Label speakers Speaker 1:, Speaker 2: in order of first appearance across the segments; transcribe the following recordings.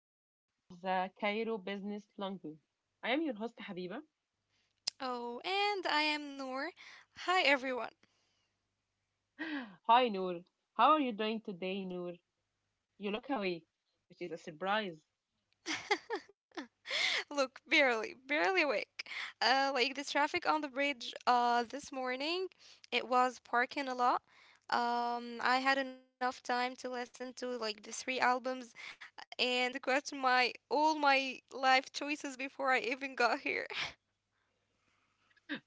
Speaker 1: an episode of the Cairo Business Luncheon. I am your host, Habiba.
Speaker 2: Oh, and I am Noor. Hi, everyone.
Speaker 1: Hi, Noor. How are you doing today, Noor? You look awake, which is a surprise.
Speaker 2: Look, barely awake. Like the traffic on the bridge this morning, it was parking a lot. I had enough time to listen to like the three albums and question my all my life choices before I even got here.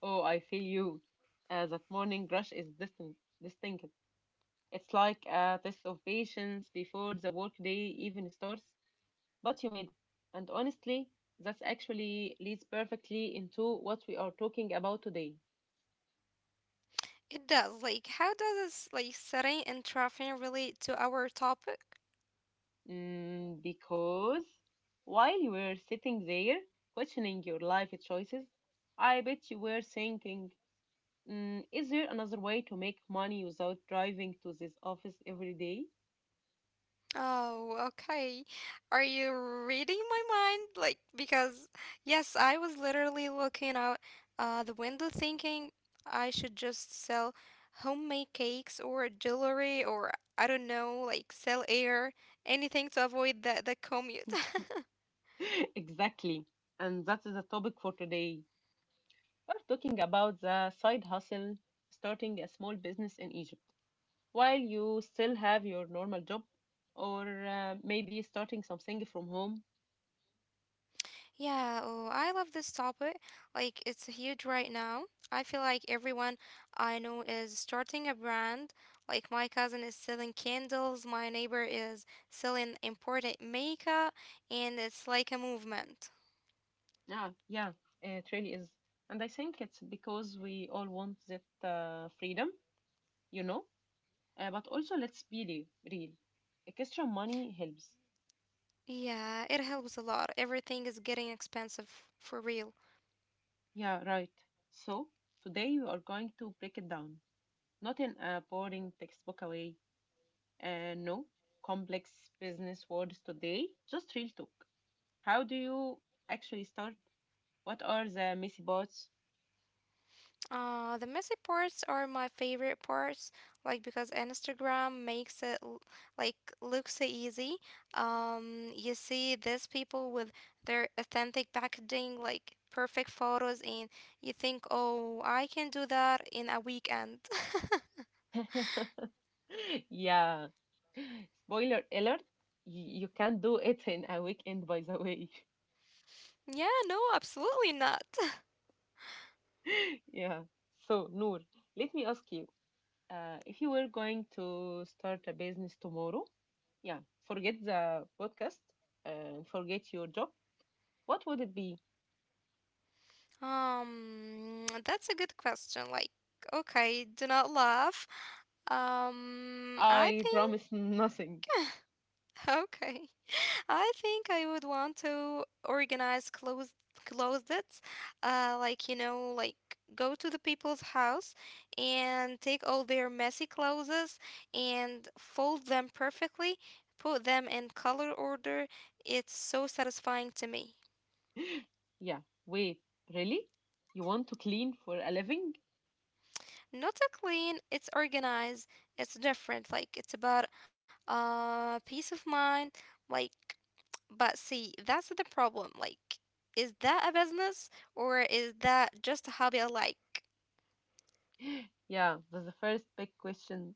Speaker 1: Oh, I feel you. That morning rush is distinct. It's like a test of patience before the workday even starts, but you made it. And honestly, that actually leads perfectly into what we are talking about today.
Speaker 2: It does. Like, how does this like setting and traffic relate to our topic?
Speaker 1: Because while you were sitting there questioning your life choices, I bet you were thinking, is there another way to make money without driving to this office every day?
Speaker 2: Oh, okay. Are you reading my mind? Like, because, yes, I was literally looking out the window thinking I should just sell homemade cakes or jewelry or I don't know, like sell air, anything to avoid the commute.
Speaker 1: Exactly. And that is the topic for today. We're talking about the side hustle, starting a small business in Egypt while you still have your normal job, or maybe starting something from home.
Speaker 2: Yeah, oh, I love this topic. Like, it's huge right now. I feel like everyone I know is starting a brand. Like, my cousin is selling candles, my neighbor is selling imported makeup, and it's like a movement.
Speaker 1: Yeah, it really is. And I think it's because we all want that freedom, you know? But also, real. Extra money helps.
Speaker 2: Yeah, it helps a lot. Everything is getting expensive for real.
Speaker 1: Yeah, right. So, today we are going to break it down. Not in a boring textbook way. No complex business words today. Just real talk. How do you actually start? What are the messy bots?
Speaker 2: The messy parts are my favorite parts, like because Instagram makes like look so easy. You see these people with their authentic packaging, like perfect photos, and you think, oh, I can do that in a weekend.
Speaker 1: Yeah. Spoiler alert, you can't do it in a weekend, by the way.
Speaker 2: Yeah, no, absolutely not.
Speaker 1: Yeah. So, Noor, let me ask you, if you were going to start a business tomorrow, yeah, forget the podcast and forget your job, what would it be?
Speaker 2: That's a good question. Like, okay, do not laugh. I
Speaker 1: I
Speaker 2: think.
Speaker 1: promise nothing.
Speaker 2: Okay. I think I would want to organize clothes closets. Like you know, like go to the people's house and take all their messy clothes and fold them perfectly, put them in color order. It's so satisfying to me.
Speaker 1: Yeah. Wait, really? You want to clean for a living?
Speaker 2: Not a clean, it's organized, it's different. Like it's about peace of mind. Like but see, that's the problem. Like is that a business or is that just a hobby I like?
Speaker 1: Yeah, that's the first big question.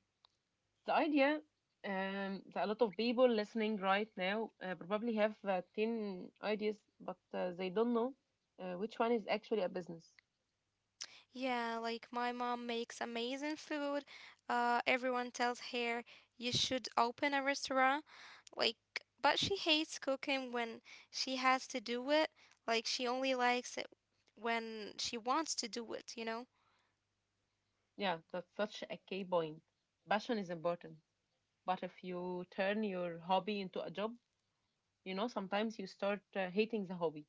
Speaker 1: The idea, that a lot of people listening right now probably have 10 ideas, but they don't know which one is actually a business.
Speaker 2: Yeah, like my mom makes amazing food. Everyone tells her you should open a restaurant. Like but she hates cooking when she has to do it. Like she only likes it when she wants to do it, you know?
Speaker 1: Yeah, that's such a key point. Passion is important, but if you turn your hobby into a job, you know, sometimes you start hating the hobby.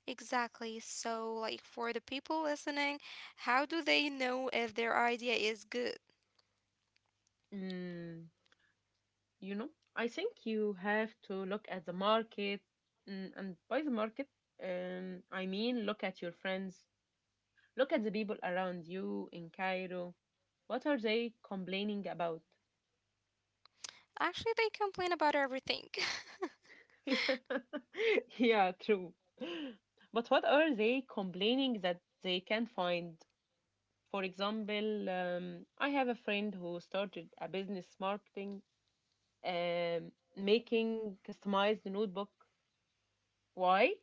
Speaker 2: Exactly. So, like for the people listening, how do they know if their idea is good?
Speaker 1: Mm, you know, I think you have to look at the market, and by the market, I mean look at your friends. Look at the people around you in Cairo. What are they complaining about?
Speaker 2: Actually, they complain about everything.
Speaker 1: Yeah, true. But what are they complaining that they can't find? For example, I have a friend who started a business marketing, making customized notebook. Why?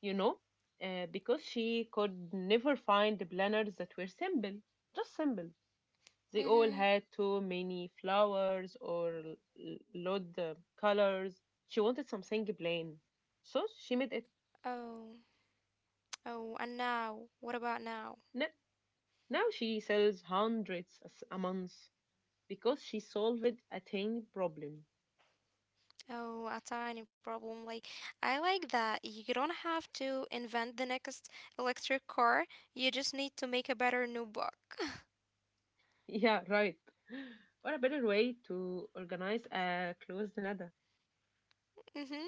Speaker 1: You know, because she could never find the planners that were simple, just simple. They all
Speaker 2: Mm-hmm.
Speaker 1: had too many flowers or loud colors. She wanted something plain, so she made it.
Speaker 2: Oh, oh, and now, what about now?
Speaker 1: N- Now she sells hundreds a month because she solved a tiny problem.
Speaker 2: Oh, a tiny problem. Like, I like that you don't have to invent the next electric car, you just need to make a better new book.
Speaker 1: Yeah, right. Or a better way to organize a closed nada.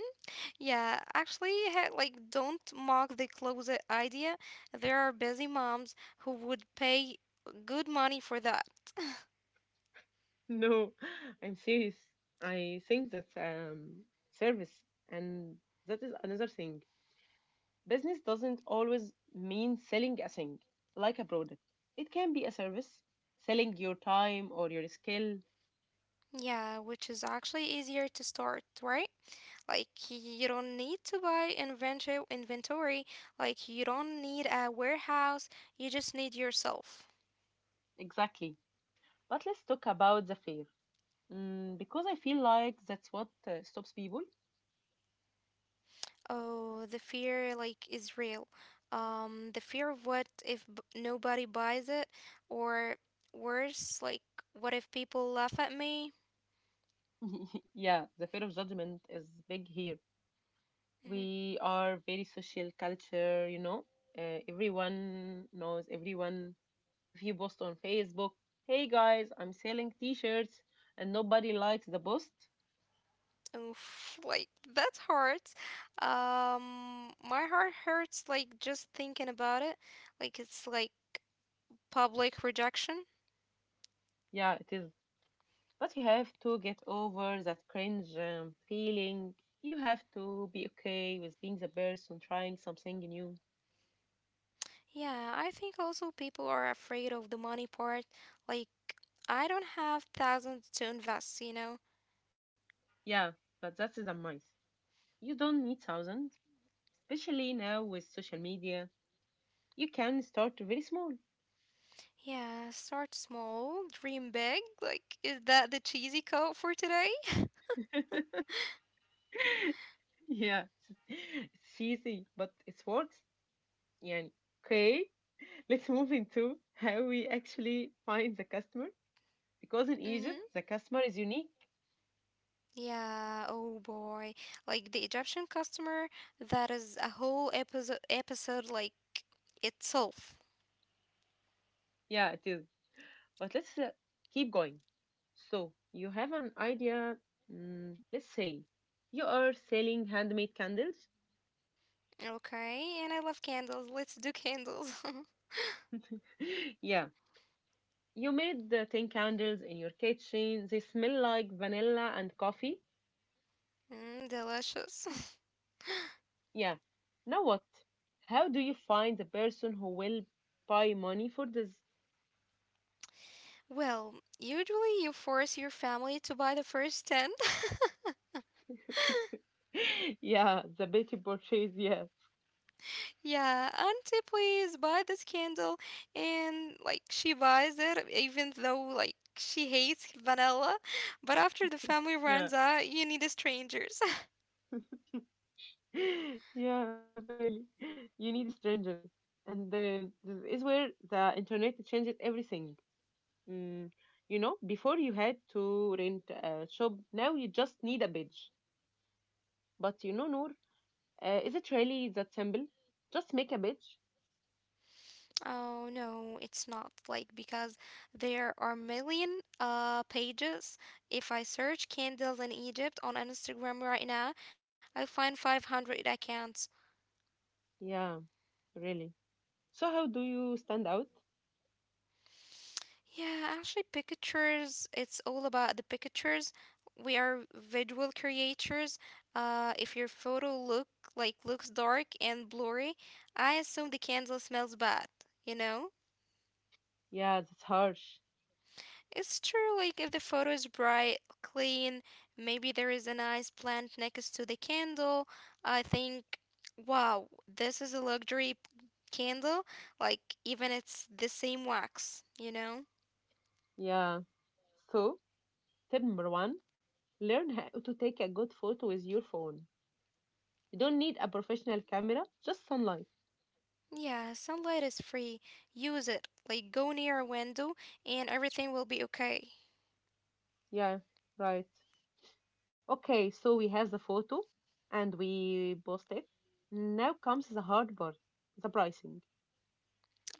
Speaker 2: Yeah, actually, like, don't mock the closet idea. There are busy moms who would pay good money for that.
Speaker 1: No, I'm serious. I think that's service, and that is another thing. Business doesn't always mean selling a thing like a product. It can be a service, selling your time or your skill.
Speaker 2: Yeah, which is actually easier to start, right? Like, you don't need to buy inventory. Like, you don't need a warehouse. You just need yourself.
Speaker 1: Exactly. But let's talk about the fear. Because I feel like that's what stops people.
Speaker 2: Oh, the fear, like, is real. The fear of what if nobody buys it, or worse, like, what if people laugh at me?
Speaker 1: Yeah, the fear of judgment is big here.
Speaker 2: Mhm.
Speaker 1: We are very social culture, you know. Everyone knows everyone. If you post on Facebook, hey guys, I'm selling t shirts, and nobody likes the post,
Speaker 2: Oof, like that hurts. My heart hurts like just thinking about it. Like it's like public rejection.
Speaker 1: yeah, it is. But you have to get over that cringe feeling. You have to be okay with being the person trying something new.
Speaker 2: Yeah, I think also people are afraid of the money part. Like I don't have thousands to invest, you know.
Speaker 1: Yeah, but that is the myth. You don't need thousands, especially now with social media. You can start very small.
Speaker 2: Yeah, start small, dream big. Like is that the cheesy code for today?
Speaker 1: Yeah, it's easy, but it works. Yeah. Okay, let's move into how we actually find the customer. Because in Egypt,
Speaker 2: Mm-hmm.
Speaker 1: the customer is unique.
Speaker 2: Yeah, oh boy. Like the Egyptian customer, that is a whole episode like itself.
Speaker 1: Yeah, it is. But let's keep going. So you have an idea. Let's say you are selling handmade candles.
Speaker 2: Okay, and I love candles. Let's do candles.
Speaker 1: Yeah, you made the ten candles in your kitchen. They smell like vanilla and coffee.
Speaker 2: Mm, delicious.
Speaker 1: Yeah. Now what? How do you find the person who will buy money for this?
Speaker 2: Well, usually you force your family to buy the first 10.
Speaker 1: Yeah, the petty purchase. Yeah.
Speaker 2: Yeah, auntie, please buy this candle. And like she buys it, even though like she hates vanilla. But after the family
Speaker 1: Yeah.
Speaker 2: runs out, you need strangers.
Speaker 1: Yeah, really. You need strangers. And then this is where the internet changes everything. Mm, you know, before you had to rent a shop, now you just need a badge. But you know, Noor, is it really that simple? Just make a badge?
Speaker 2: Oh no, it's not like because there are million pages. If I search candles in Egypt on Instagram right now, I find 500 accounts.
Speaker 1: Yeah, really. So, how do you stand out?
Speaker 2: Yeah, actually pictures, it's all about the pictures. We are visual creators. If your photo look like looks dark and blurry, I assume the candle smells bad, you know?
Speaker 1: Yeah, that's harsh.
Speaker 2: It's true, like if the photo is bright, clean, maybe there is a nice plant next to the candle. I think, wow, this is a candle. Like, even it's the same wax, you know?
Speaker 1: Yeah. So, tip number one, learn how to take a good photo with your phone. You don't need a professional camera, just sunlight.
Speaker 2: Yeah, sunlight is free. Use it. Like, go near a window and everything will be okay.
Speaker 1: Yeah, right. Okay, so we have the photo and we post it. Now comes the hard part, the pricing.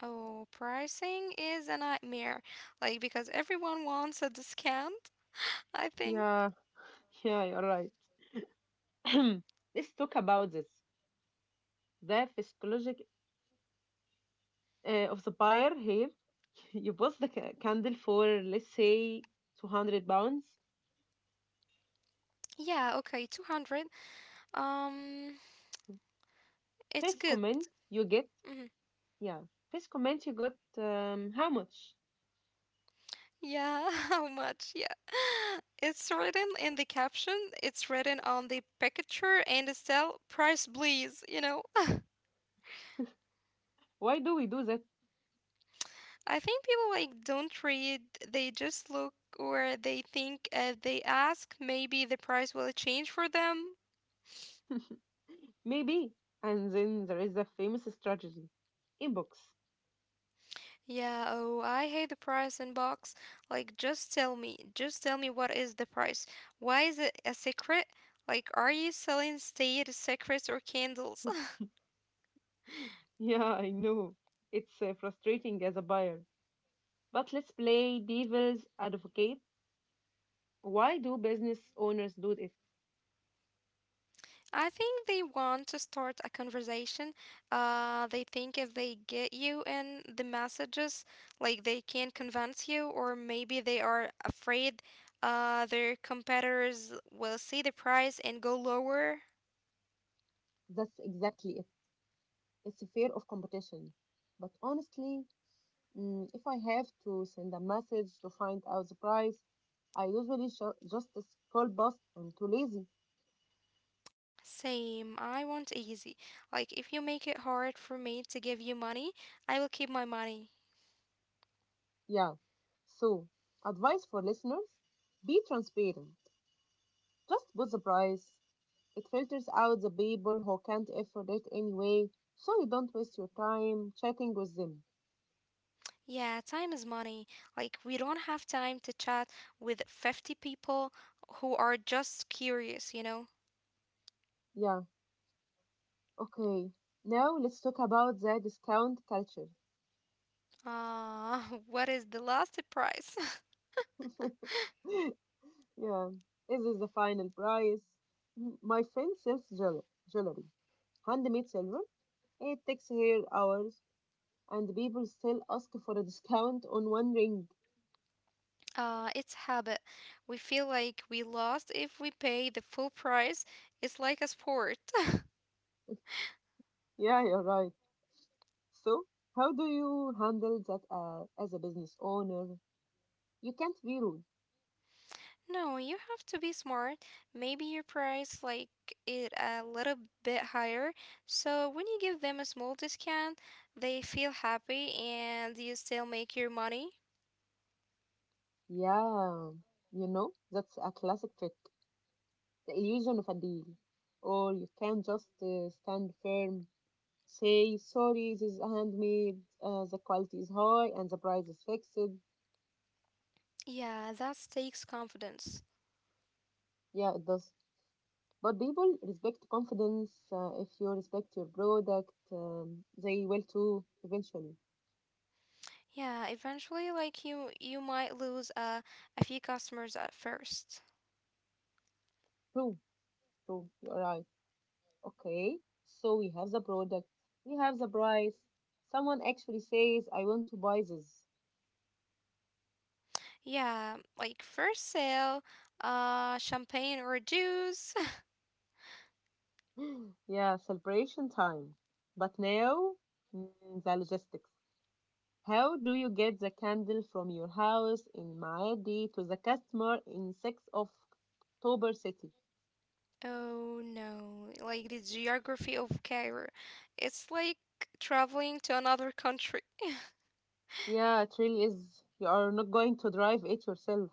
Speaker 2: Oh, pricing is a nightmare. Like, because everyone wants a discount, I think.
Speaker 1: Yeah. Yeah, you're right. Let's talk about this. The physiology of the buyer here. You post the candle for, let's say, 200 pounds.
Speaker 2: Yeah, okay, 200. Um, it's
Speaker 1: First
Speaker 2: good.
Speaker 1: comment you get,
Speaker 2: Mm-hmm.
Speaker 1: yeah, first comment you got, how much?
Speaker 2: Yeah, how much? Yeah. It's written in the caption, it's written on the picture and it's still price please, you know.
Speaker 1: Why do we do that?
Speaker 2: I think people like don't read, they just look or they think they ask maybe the price will change for them.
Speaker 1: Maybe. And then there is the famous strategy inbox.
Speaker 2: Yeah, oh, I hate the price in box. Like just tell me what is the price? Why is it a secret? Like are you selling state secrets or candles?
Speaker 1: Yeah, I know. It's frustrating as a buyer. But let's play devil's advocate. Why do business owners do it?
Speaker 2: I think they want to start a conversation. They think if they get you in the messages, like they can't convince you, or maybe they are afraid their competitors will see the price and go lower.
Speaker 1: That's exactly it. It's a fear of competition. But honestly, if I have to send a message to find out the price, I usually just scroll past. I'm too lazy.
Speaker 2: Same, I want easy. Like, if you make it hard for me to give you money, I will keep my money.
Speaker 1: Yeah. So, advice for listeners, be transparent. Just put the price. It filters out the people who can't afford it anyway, so you don't waste your time chatting with them.
Speaker 2: Yeah, time is money. Like, we don't have time to chat with 50 people who are just curious, you know?
Speaker 1: Yeah, okay. Now let's talk about the discount culture.
Speaker 2: Uh, what is the last price?
Speaker 1: Yeah, this is the final price. My friend sells jewelry, handmade silver. It takes her hours, and people still ask for a discount on one ring.
Speaker 2: It's habit. We feel like we lost if we pay the full price. It's like a sport.
Speaker 1: Yeah, you're right. So, how do you handle that as a business owner? You can't be rude.
Speaker 2: No, you have to be smart. Maybe your price like it a little bit higher. So when you give them a small discount, they feel happy and you still make your money.
Speaker 1: Yeah, you know, that's a classic trick. The illusion of a deal. Or you can just stand firm, say, sorry, this is handmade, the quality is high, and the price is fixed.
Speaker 2: Yeah, that takes confidence.
Speaker 1: Yeah, it does. But people respect confidence. If you respect your product, they will too, eventually.
Speaker 2: Yeah, eventually like you might lose a few customers at first.
Speaker 1: True, true, you're right. Okay, so we have the product, we have the price. Someone actually says, I want to buy this.
Speaker 2: Yeah, like first sale, champagne or juice.
Speaker 1: Yeah, celebration time. But now, mm, the logistics. How do you get the candle from your house in Maadi to the customer in 6th of October city?
Speaker 2: Oh no, like the geography of Cairo. It's like traveling to another country.
Speaker 1: Yeah, it really is. You are not going to drive it yourself.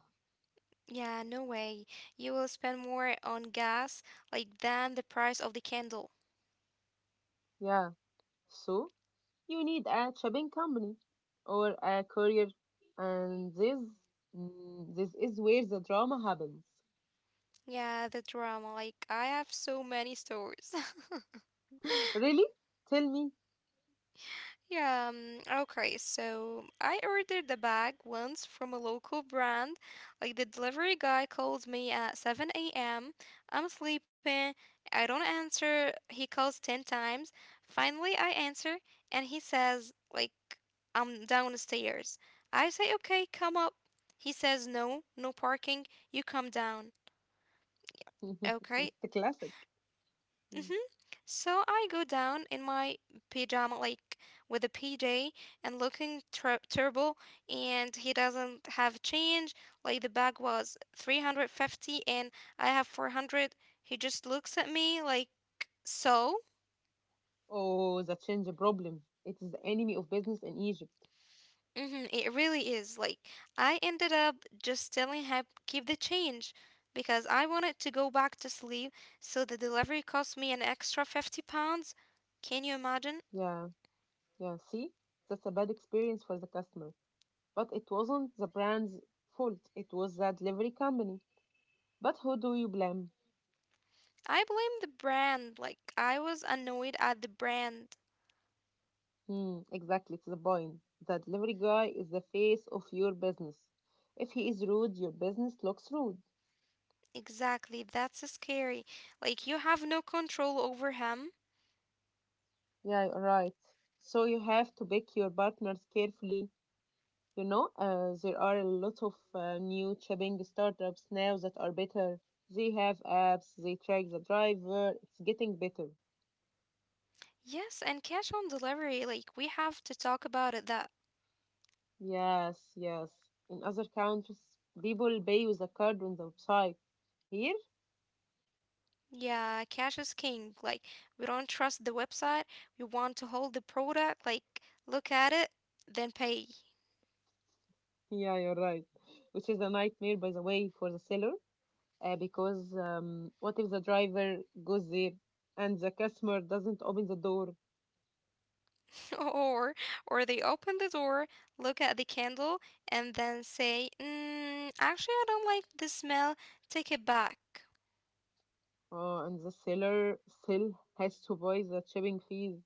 Speaker 2: Yeah, no way. You will spend more on gas like than the price of the candle.
Speaker 1: Yeah. So, you need a shipping company or a courier. And this, this is where the drama happens.
Speaker 2: Yeah, the drama. Like I have so many stories.
Speaker 1: Really? Tell me.
Speaker 2: Yeah, okay. So I ordered the bag once from a local brand. Like the delivery guy calls me at 7 a.m. I'm sleeping. I don't answer. He calls 10 times. Finally, I answer and he says, like, I'm downstairs. I say, okay, come up. He says, no, no parking. You come down.
Speaker 1: It's the
Speaker 2: Okay.
Speaker 1: classic.
Speaker 2: Mm-hmm. So I go down in my pajama, like with a PJ, and looking terrible. And he doesn't have change. Like the bag was 350 and I have 400. He just looks at me like, so?
Speaker 1: Oh, that change the problem. It is the enemy of business in Egypt.
Speaker 2: Mm-hmm. It really is. Like, I ended up just telling him, keep the change because I wanted to go back to sleep. So the delivery cost me an extra 50 pounds. Can you imagine?
Speaker 1: Yeah, yeah. See, that's a bad experience for the customer. But it wasn't the brand's fault. It was the delivery company. But who do you blame?
Speaker 2: I blame the brand. Like, I was annoyed at the brand.
Speaker 1: Hmm, exactly. It's the point. The delivery guy is the face of your business. If he is rude, your business looks rude.
Speaker 2: Exactly. That's scary. Like, you have no control over him.
Speaker 1: Yeah, you're right. So you have to pick your partners carefully. You know, there are a lot of new shipping startups now that are better. They have apps, they track the driver. It's getting better.
Speaker 2: Yes, and cash on delivery. Like, we have to talk about it that,
Speaker 1: Yes, yes. In other countries, people pay with a card on the website. Here,
Speaker 2: yeah, cash is king. Like, we don't trust the website. We want to hold the product, like, look at it, then pay.
Speaker 1: yeah, you're right. Which is a nightmare, by the way, for the seller, because what if the driver goes there and the customer doesn't open the door,
Speaker 2: or, or they open the door, look at the candle, and then say, mm, actually, I don't like the smell. Take it back.
Speaker 1: and the seller still has to pay the shipping fees?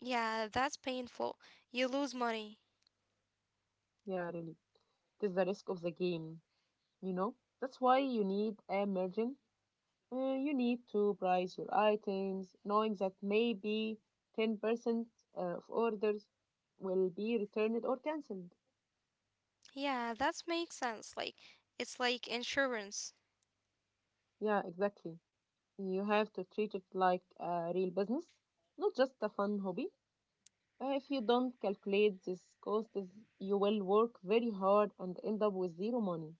Speaker 2: Yeah, that's painful. You lose money.
Speaker 1: Yeah, really. It is the risk of the game, you know? That's why you need a margin. You need to price your items, knowing that maybe 10% of orders will be returned or cancelled.
Speaker 2: Yeah, that makes sense. Like, it's like insurance.
Speaker 1: Yeah, exactly. You have to treat it like a real business, not just a fun hobby. If you don't calculate this cost, you will work very hard and end up with zero money.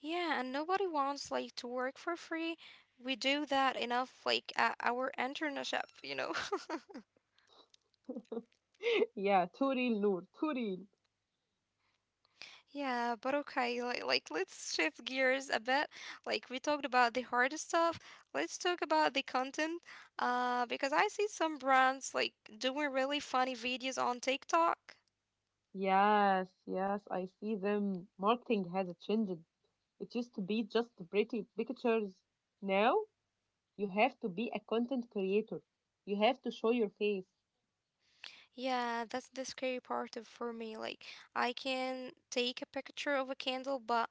Speaker 2: Yeah, and nobody wants like to work for free. We do that enough like at our internship, you know.
Speaker 1: Yeah, too real, Noor, too real.
Speaker 2: Yeah, but okay, like let's shift gears a bit. Like we talked about the hard stuff, let's talk about the content. Because I see some brands like doing really funny videos on TikTok.
Speaker 1: Yes, yes, I see them. Marketing has changed. It used to be just pretty pictures. Now you have to be a content creator. You have to show your face.
Speaker 2: Yeah, that's the scary part of for me. Like, I can take a picture of a candle, but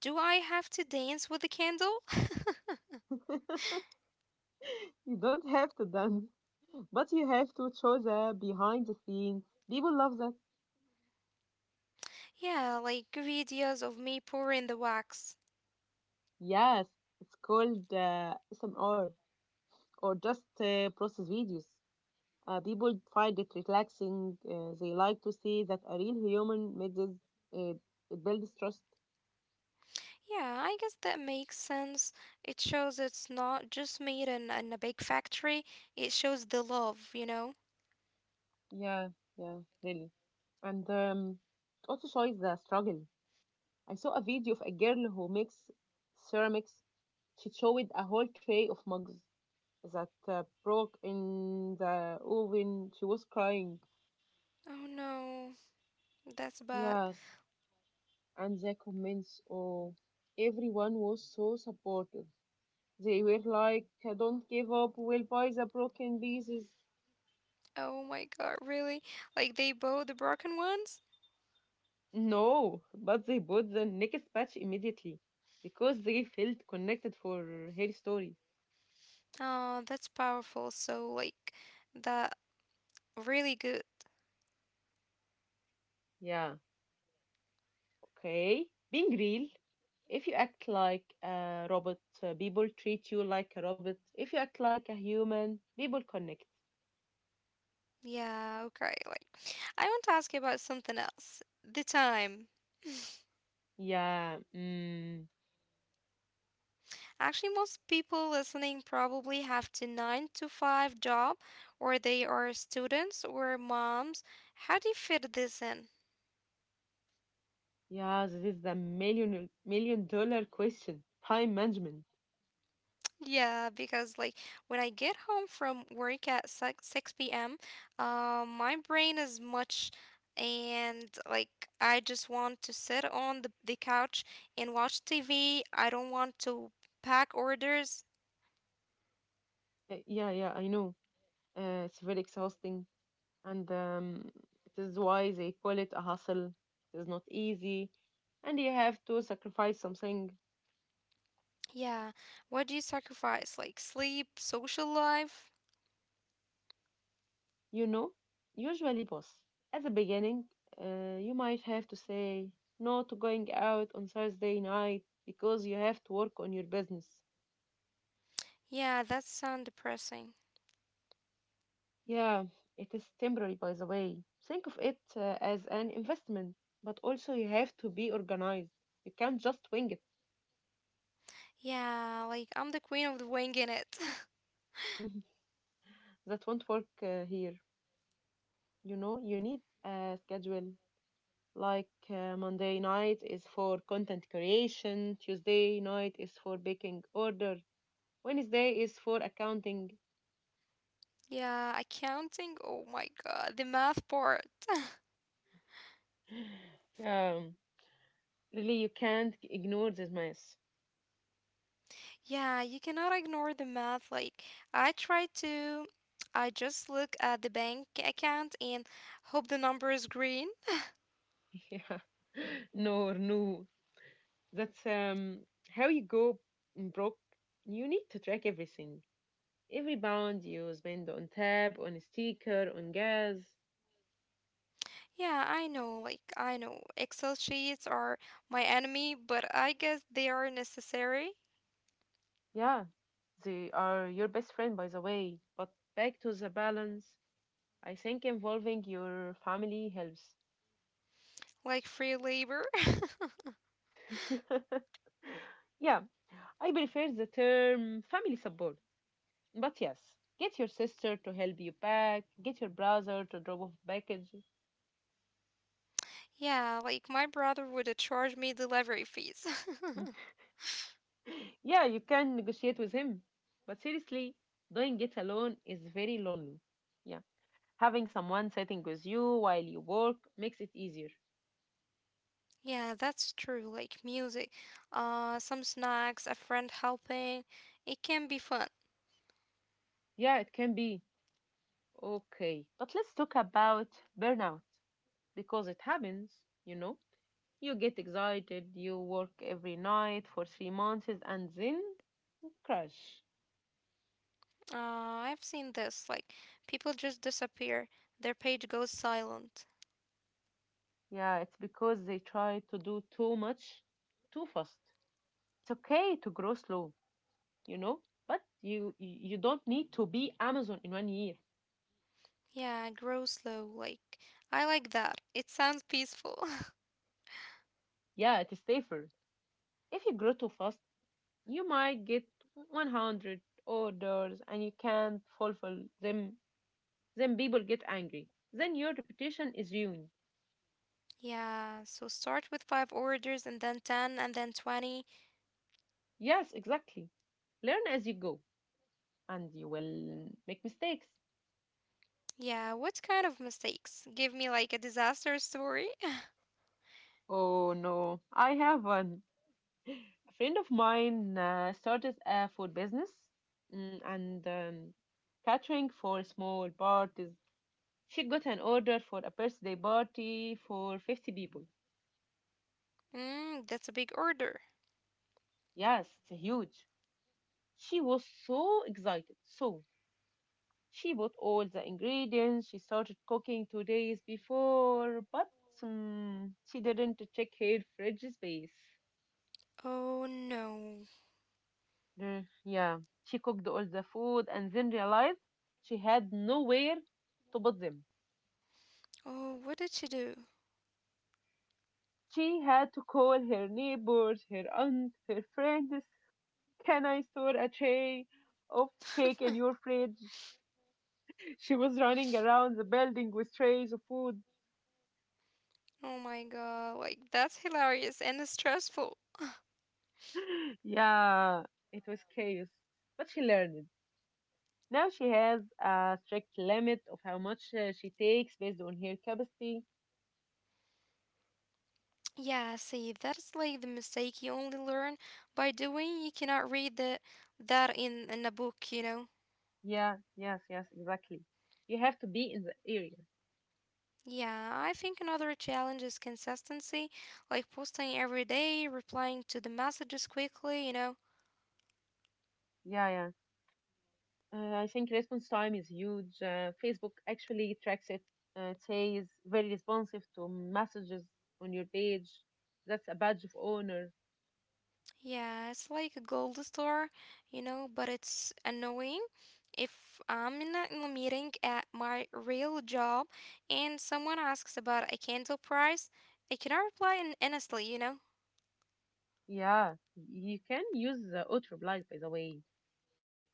Speaker 2: do I have to dance with the candle?
Speaker 1: You don't have to dance, but you have to show the behind the scenes. People love that.
Speaker 2: Yeah, like videos of me pouring the wax.
Speaker 1: Yes, it's called SMR or just process videos. People find it relaxing. They like to see that a real human made this. Uh, it builds trust.
Speaker 2: Yeah, I guess that makes sense. It shows it's not just made in a big factory, it shows the love, you know?
Speaker 1: Yeah, yeah, really. And it also shows the struggle. I saw a video of a girl who makes ceramics. She showed a whole tray of mugs that broke in the oven. She was crying.
Speaker 2: Oh no, that's bad.
Speaker 1: Yes, and the comments, oh, everyone was so supportive. They were like, don't give up, we'll buy the broken pieces.
Speaker 2: Oh my god, really? Like, they bow the broken ones?
Speaker 1: No, but they bought the next batch immediately because they felt connected for her story.
Speaker 2: Oh, that's powerful. So, like, that really good.
Speaker 1: Yeah, okay. Being real, if you act like a robot, people treat you like a robot. If you act like a human, people connect.
Speaker 2: Yeah, okay. Like, I want to ask you about something else. The time.
Speaker 1: Yeah, mm,
Speaker 2: Actually, most people listening probably have the 9 to 5 job or they are students or moms. How do you fit this in?
Speaker 1: yeah, this is the million dollar question. Time management.
Speaker 2: Yeah, because like when I get home from work at 6 p.m., my brain is much and like I just want to sit on the couch and watch TV. I don't want to pack orders.
Speaker 1: Yeah, yeah, I know. It's very exhausting, and it is why they call it a hustle. It is not easy, and you have to sacrifice something.
Speaker 2: Yeah. What do you sacrifice? Like sleep, social life?
Speaker 1: You know, usually, boss, at the beginning, you might have to say no to going out on Thursday night because you have to work on your business.
Speaker 2: Yeah, that sounds depressing.
Speaker 1: Yeah, it is temporary, by the way. Think of it as an investment, but also you have to be organized. You can't just wing it.
Speaker 2: Yeah, like I'm the queen of the wing in it.
Speaker 1: That won't work here. You know, you need a schedule. Like Monday night is for content creation, Tuesday night is for baking order, Wednesday is for accounting.
Speaker 2: Yeah, accounting. Oh my god, the math part.
Speaker 1: Um, really, you can't ignore this mess.
Speaker 2: Yeah, you cannot ignore the math. Like I try to I just look at the bank account and hope the number is green.
Speaker 1: Yeah. No, no. That's how you go broke. You need to track everything. Every pound you spend on tab, on sticker, on gas.
Speaker 2: Yeah, I know, like I know Excel sheets are my enemy, but I guess they are necessary,
Speaker 1: Yeah, they are your best friend, by the way. But back to the balance. I think involving your family helps.
Speaker 2: like free labor.
Speaker 1: Yeah, I prefer the term family support. But yes, get your sister to help you pack, get your brother to drop off packages.
Speaker 2: Yeah, like my brother would charge me delivery fees.
Speaker 1: Yeah, you can negotiate with him. But seriously, doing it alone is very lonely. Yeah. Having someone sitting with you while you work makes it easier.
Speaker 2: yeah, that's true. Like music, some snacks, a friend helping. It can be fun.
Speaker 1: Yeah, it can be. Okay. But let's talk about burnout because it happens, you know. You get excited, you work every night for three months, and then crash.
Speaker 2: I've seen this. Like people just disappear. Their page goes silent.
Speaker 1: Yeah, it's because they try to do too much too fast. It's okay to grow slow, you know, but you don't need to be Amazon in one year.
Speaker 2: Yeah, grow slow. I like that. It sounds peaceful.
Speaker 1: Yeah, it is safer. If you grow too fast, you might get 100 orders and you can't fulfill them. Then people get angry. Then your reputation is ruined.
Speaker 2: Yeah, so start with five orders and then ten and then 20.
Speaker 1: Yes, exactly. Learn as you go, and you will make mistakes.
Speaker 2: Yeah, what kind of mistakes? Give me like a disaster story.
Speaker 1: Oh no, I have one. A friend of mine started a food business and catering for small parties. She got an order for a birthday party for 50 people.
Speaker 2: Mm, that's a big order.
Speaker 1: Yes, it's huge. She was so excited. So she bought all the ingredients. She started cooking two days before, but she didn't check her fridge space.
Speaker 2: Oh no.
Speaker 1: Yeah, she cooked all the food and then realized she had nowhere to put them.
Speaker 2: Oh, what did she do?
Speaker 1: She had to call her neighbors, her aunt, her friends. Can I store a tray of cake in your fridge? She was running around the building with trays of food.
Speaker 2: Oh my god, like that's hilarious and stressful.
Speaker 1: Yeah, it was chaos. But she learned. Now she has a strict limit of how much she takes based on her capacity.
Speaker 2: Yeah, see, that's like the mistake you only learn by doing. You cannot read that in a book, you know.
Speaker 1: Yeah, yes, exactly. You have to be in the area.
Speaker 2: Yeah, I think another challenge is consistency, like posting every day, replying to the messages quickly, you know.
Speaker 1: Yeah, yeah. I think response time is huge. Facebook actually tracks it. It says very responsive to messages on your page. That's a badge of honor.
Speaker 2: Yeah, it's like a gold star, you know, but it's annoying if I'm in a meeting at my real job and someone asks about a candle price, I cannot reply in honestly, you know.
Speaker 1: Yeah, you can use the auto reply by the way.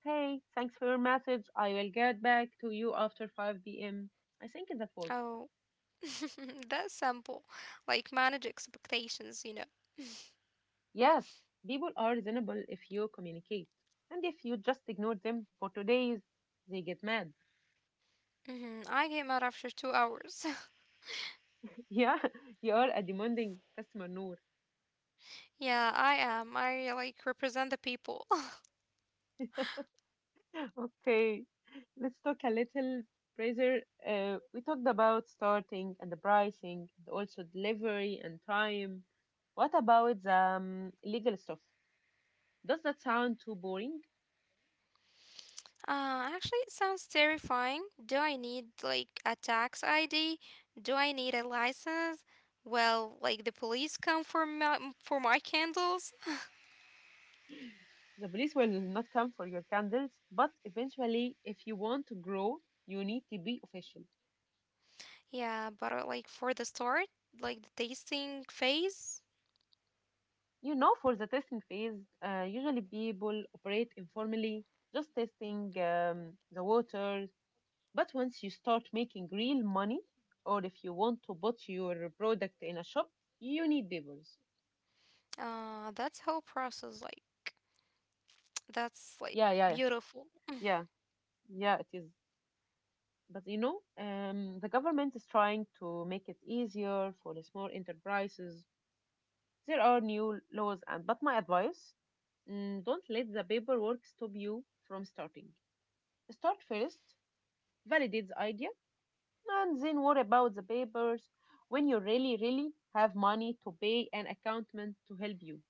Speaker 1: Hey, thanks for your message. I will get back to you after 5 p.m. I think that work.
Speaker 2: Oh, that's simple. Like manage expectations, you know.
Speaker 1: Yes, people are reasonable if you communicate, and if you just ignore them for two days, they get mad.
Speaker 2: Hmm, I came out after 2 hours.
Speaker 1: Yeah, you are a demanding customer, Noor.
Speaker 2: Yeah, I am. I like represent the people.
Speaker 1: Okay, let's talk a little, Fraser. We talked about starting and the pricing, and also delivery and time. What about the legal stuff? Does that sound too boring?
Speaker 2: Actually, it sounds terrifying. Do I need like a tax ID? Do I need a license? Well, like the police come for my candles.
Speaker 1: The police will not come for your candles, but eventually, if you want to grow, you need to be official.
Speaker 2: Yeah, but like for the start, like the tasting phase,
Speaker 1: You know, for the testing phase, usually people operate informally, just testing the water. But once you start making real money, or if you want to put your product in a shop, you need papers.
Speaker 2: that's whole process. Like that's like
Speaker 1: Yeah, yeah,
Speaker 2: beautiful.
Speaker 1: yeah, yeah, it is. But you know, the government is trying to make it easier for the small enterprises. There are new laws, and but my advice, don't let the paperwork stop you from starting. Start first, validate the idea, and then worry about the papers when you really, really have money to pay an accountant to help you.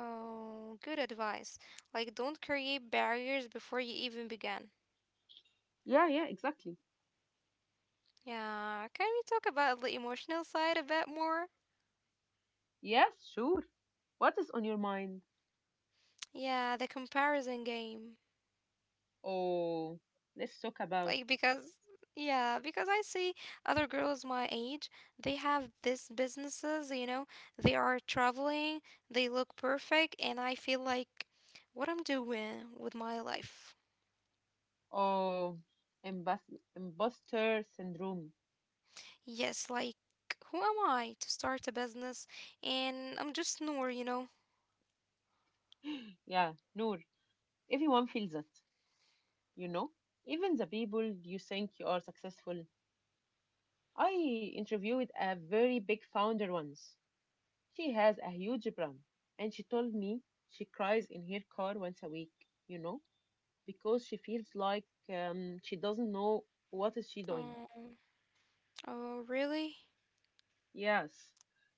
Speaker 2: Oh, good advice. Like don't create barriers before you even begin.
Speaker 1: Yeah, yeah, exactly.
Speaker 2: Yeah, can we talk about the emotional side a bit more?
Speaker 1: Yes, sure. What is on your mind?
Speaker 2: Yeah, the comparison game.
Speaker 1: Oh, let's talk about
Speaker 2: Like because yeah, because I see other girls my age, they have this businesses, you know, they are traveling, they look perfect, and I feel like what I'm doing with my life.
Speaker 1: oh, imposter syndrome.
Speaker 2: Yes, like who am I to start a business, and I'm just Noor, you know?
Speaker 1: Yeah, Noor, everyone feels it, you know? Even the people you think you are successful. I interviewed a very big founder once. She has a huge brand, and she told me she cries in her car once a week, you know, because she feels like she doesn't know what is she doing.
Speaker 2: Oh, oh really?
Speaker 1: Yes.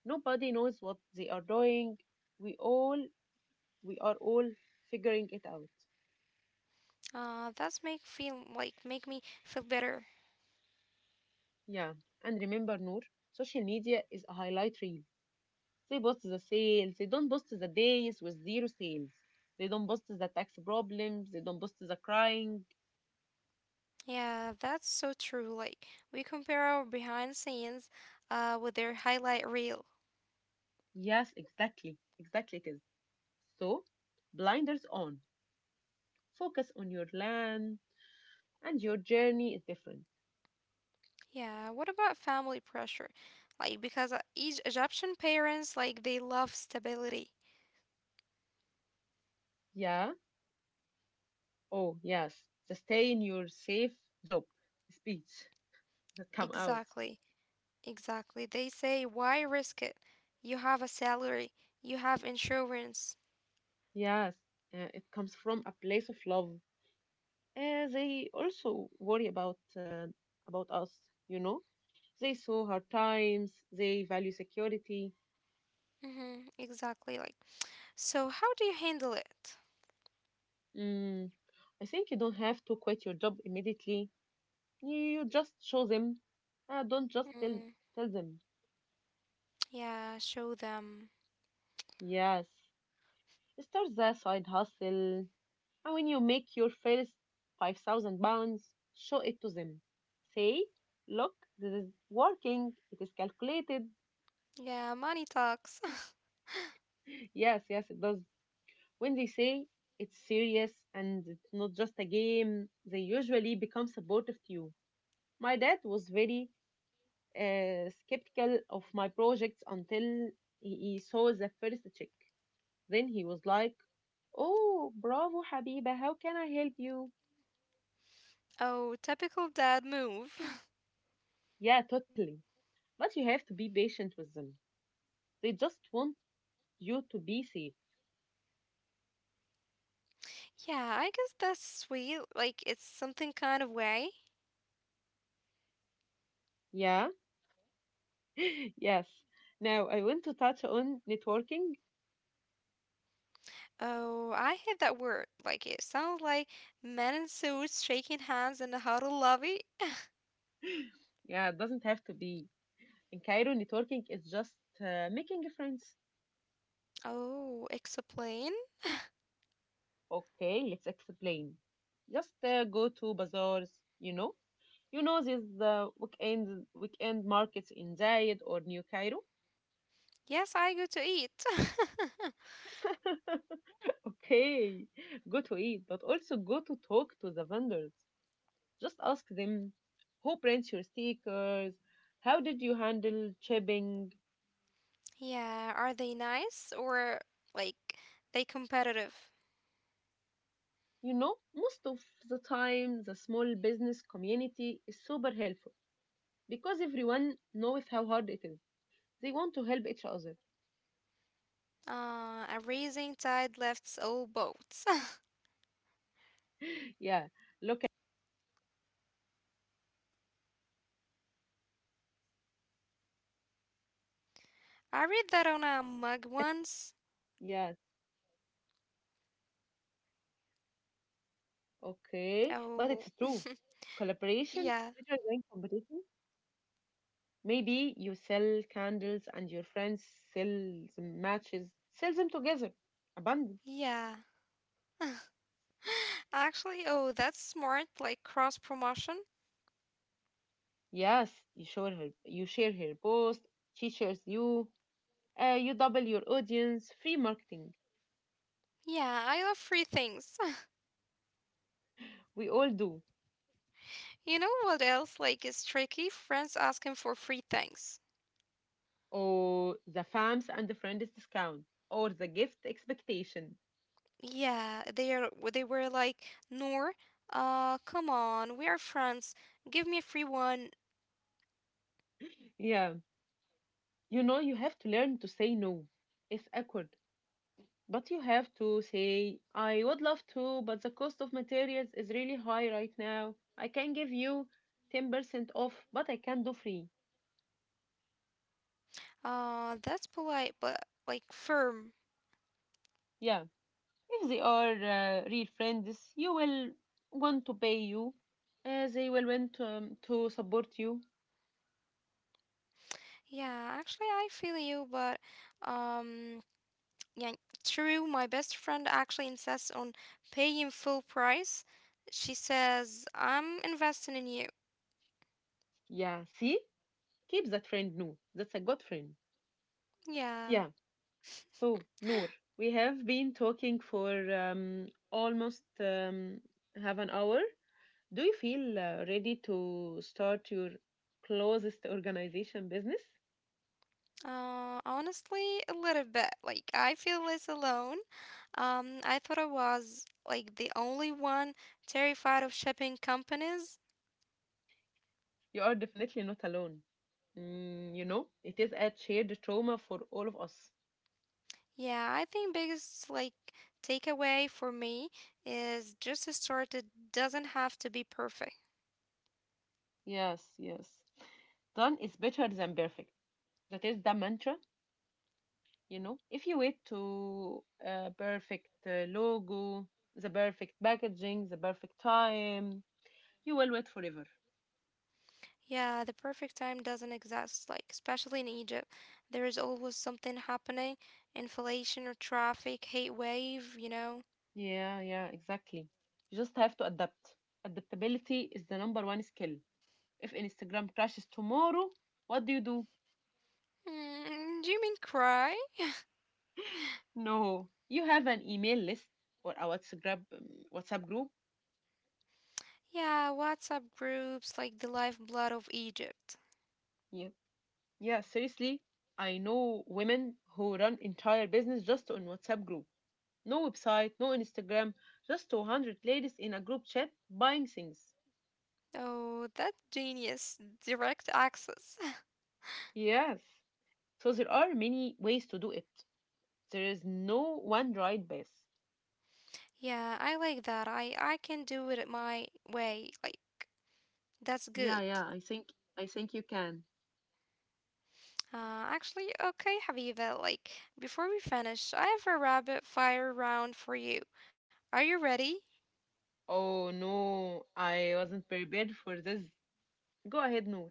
Speaker 1: Nobody knows what they are doing. We all we are all figuring it out.
Speaker 2: That's make feel like make me feel better.
Speaker 1: Yeah. And remember, Noor, social media is a highlight reel. They post the sales. They don't post the days with zero sales. They don't post the tax problems. They don't post the crying.
Speaker 2: Yeah, that's so true. Like we compare our behind scenes with their highlight reel.
Speaker 1: Yes, exactly. Exactly it is. So, blinders on. Focus on your land and your journey is different.
Speaker 2: Yeah, what about family pressure? Like because each Egyptian parents like they love stability.
Speaker 1: Yeah. Oh, yes. Just stay in your safe job speech. That come out.
Speaker 2: Exactly. Exactly. They say why risk it? You have a salary, you have insurance.
Speaker 1: Yes, it comes from a place of love. They also worry about us, you know. They saw hard times. They value security.
Speaker 2: Mhm. Exactly like. So how do you handle it?
Speaker 1: Mm, I think you don't have to quit your job immediately. You just show them. Don't just tell
Speaker 2: Mm,
Speaker 1: tell them.
Speaker 2: yeah, show them.
Speaker 1: Yes, start the side hustle, and when you make your first 5,000 pounds, show it to them. Say, look, this is working, it is calculated.
Speaker 2: Yeah, money talks.
Speaker 1: Yes, yes, it does. When they say it's serious and it's not just a game, they usually become supportive to you. My dad was very skeptical of my projects until he saw the first check. Then he was like, oh, bravo, Habiba, how can I help you?
Speaker 2: Oh, typical dad move.
Speaker 1: Yeah, totally. But you have to be patient with them. They just want you to be safe.
Speaker 2: Yeah, I guess that's sweet. Like it's something kind of way.
Speaker 1: Yeah? Yes. Now, I want to touch on networking.
Speaker 2: Oh, I hate that word. Like it sounds like men in suits shaking hands in the huddle lobby.
Speaker 1: Yeah, it doesn't have to be. In Cairo, networking is just making friends.
Speaker 2: Oh, explain.
Speaker 1: Okay, let's explain. Just go to bazaars, you know? You know these weekend markets in Zayed or New Cairo?
Speaker 2: Yes, I go to eat.
Speaker 1: Okay, go to eat, but also go to talk to the vendors. Just ask them who prints your stickers, how did you handle shipping?
Speaker 2: Yeah, are they nice or like they competitive?
Speaker 1: You know, most of the time, the small business community is super helpful because everyone knows how hard it is. They want to help each other.
Speaker 2: A rising tide lifts all boats.
Speaker 1: Yeah, look at
Speaker 2: I read that on a mug once.
Speaker 1: yes, okay, but
Speaker 2: Oh,
Speaker 1: it's true. Collaboration
Speaker 2: yeah,
Speaker 1: is better than competition. Maybe you sell candles and your friends sell the matches. Sell them together. Abundant.
Speaker 2: yeah. Actually, oh, that's smart, like cross promotion.
Speaker 1: Yes, you share her post, she shares you, you double your audience, free marketing.
Speaker 2: Yeah, I love free things.
Speaker 1: We all do.
Speaker 2: You know what else like is tricky? Friends asking for free things.
Speaker 1: Or the fams and the friends discount, or the gift expectation.
Speaker 2: Yeah, they were like, "Noor, come on, we are friends. Give me a free one."
Speaker 1: Yeah, you know, you have to learn to say no. It's awkward, but you have to say, I would love to, but the cost of materials is really high right now. I can give you 10% off, but I can't do free.
Speaker 2: That's polite but like firm.
Speaker 1: Yeah, if they are real friends, you will want to pay you. They will want to support you.
Speaker 2: Yeah, actually I feel you, but um yeah, true, my best friend actually insists on paying full price. She says, "I'm investing in you."
Speaker 1: Yeah, see? Keep that friend, Noor. That's a good friend.
Speaker 2: Yeah.
Speaker 1: Yeah. So, Noor, we have been talking for almost half an hour. Do you feel ready to start your closest organization business?
Speaker 2: Honestly, a little bit. Like, I feel less alone. I thought I was like the only one terrified of shipping companies.
Speaker 1: You are definitely not alone. Mm, you know, it is a shared trauma for all of us.
Speaker 2: Yeah, I think biggest like takeaway for me is just to start. It doesn't have to be perfect.
Speaker 1: Yes, yes. Done is better than perfect. That is the mantra, you know. If you wait to perfect logo, the perfect packaging, the perfect time, you will wait forever.
Speaker 2: Yeah, the perfect time doesn't exist. Like especially in Egypt, there is always something happening: inflation or traffic, hate wave. You know.
Speaker 1: Yeah, yeah, exactly. You just have to adapt. Adaptability is the number one skill. If Instagram crashes tomorrow, what do you do?
Speaker 2: Mm, do you mean cry?
Speaker 1: No, you have an email list or a WhatsApp WhatsApp group.
Speaker 2: Yeah, WhatsApp groups like the lifeblood of Egypt.
Speaker 1: Yeah, seriously, I know women who run entire business just on WhatsApp group. No website, no Instagram, just 200 ladies in a group chat buying things.
Speaker 2: Oh, that genius. Direct access.
Speaker 1: Yes. So there are many ways to do it. There is no one right path.
Speaker 2: Yeah, I like that. I can do it my way. Like that's good.
Speaker 1: Yeah, yeah, I think you can.
Speaker 2: Actually, okay, Habiba, like before we finish, I have a rapid fire round for you. Are you ready?
Speaker 1: Oh no, I wasn't prepared for this. Go ahead, Noor.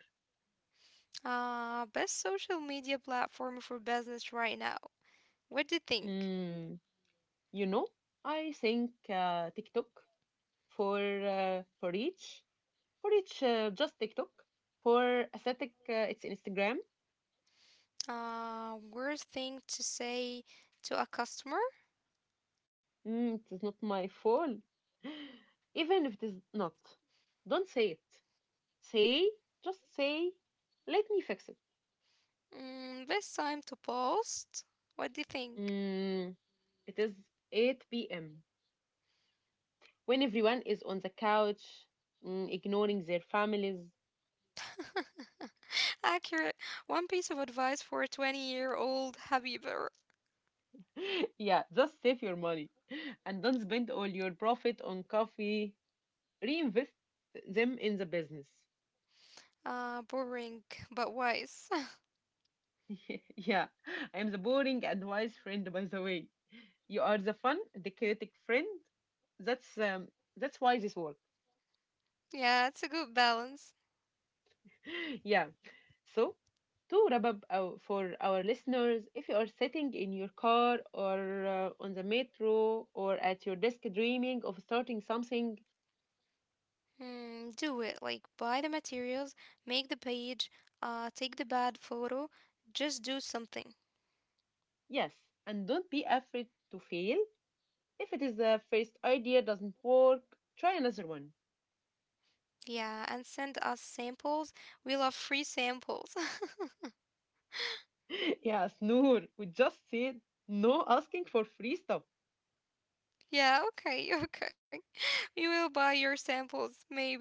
Speaker 2: Best social media platform for business right now. What do you think?
Speaker 1: Mm, you know, I think TikTok for reach. For each, just TikTok. For aesthetic, it's Instagram.
Speaker 2: Worst thing to say to a customer?
Speaker 1: Mm, it is not my fault. Even if it is not, don't say it. Say, just say, let me fix it.
Speaker 2: Mm, best time to post? What do you think?
Speaker 1: Mm, it is 8 p.m. When everyone is on the couch, ignoring their families.
Speaker 2: Accurate. One piece of advice for a 20-year-old Habiba.
Speaker 1: Yeah, just save your money and don't spend all your profit on coffee. Reinvest them in the business.
Speaker 2: Boring but wise.
Speaker 1: Yeah, I am the boring and wise friend, by the way. You are the fun, the chaotic friend. That's um, that's why this work.
Speaker 2: Yeah, it's a good balance.
Speaker 1: Yeah. So to wrap up for our listeners, if you are sitting in your car or on the metro or at your desk dreaming of starting something,
Speaker 2: Mm, do it. Like buy the materials, make the page, take the bad photo, just do something.
Speaker 1: yes, and don't be afraid to fail. If it is the first idea doesn't work, try another one.
Speaker 2: Yeah, and send us samples. We love free samples.
Speaker 1: Yes, Noor, we just said no asking for free stuff.
Speaker 2: Yeah, okay, okay. We will buy your samples, maybe.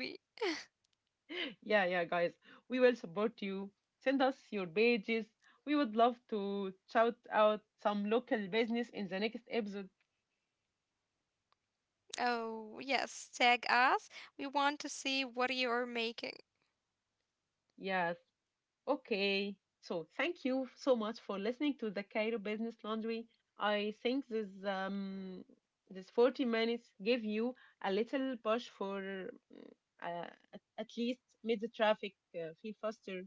Speaker 1: Yeah, yeah, guys. We will support you. Send us your pages. We would love to shout out some local business in the next episode.
Speaker 2: Oh, yes, tag us. We want to see what you are making.
Speaker 1: Yes. Okay. So thank you so much for listening to the Cairo Business Laundry. I think this 40 minutes gave you a little push for uh, at least made the traffic feel faster.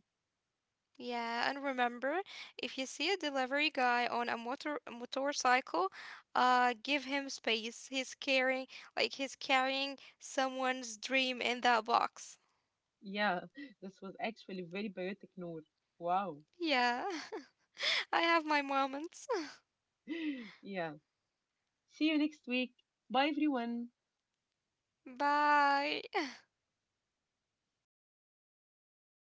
Speaker 2: Yeah, and remember, if you see a delivery guy on a motorcycle, give him space. He's carrying he's carrying someone's dream in that box.
Speaker 1: Yeah, this was actually very poetic, Noor. Wow.
Speaker 2: Yeah, I have my moments.
Speaker 1: Yeah. See you next week. Bye, everyone.
Speaker 2: Bye.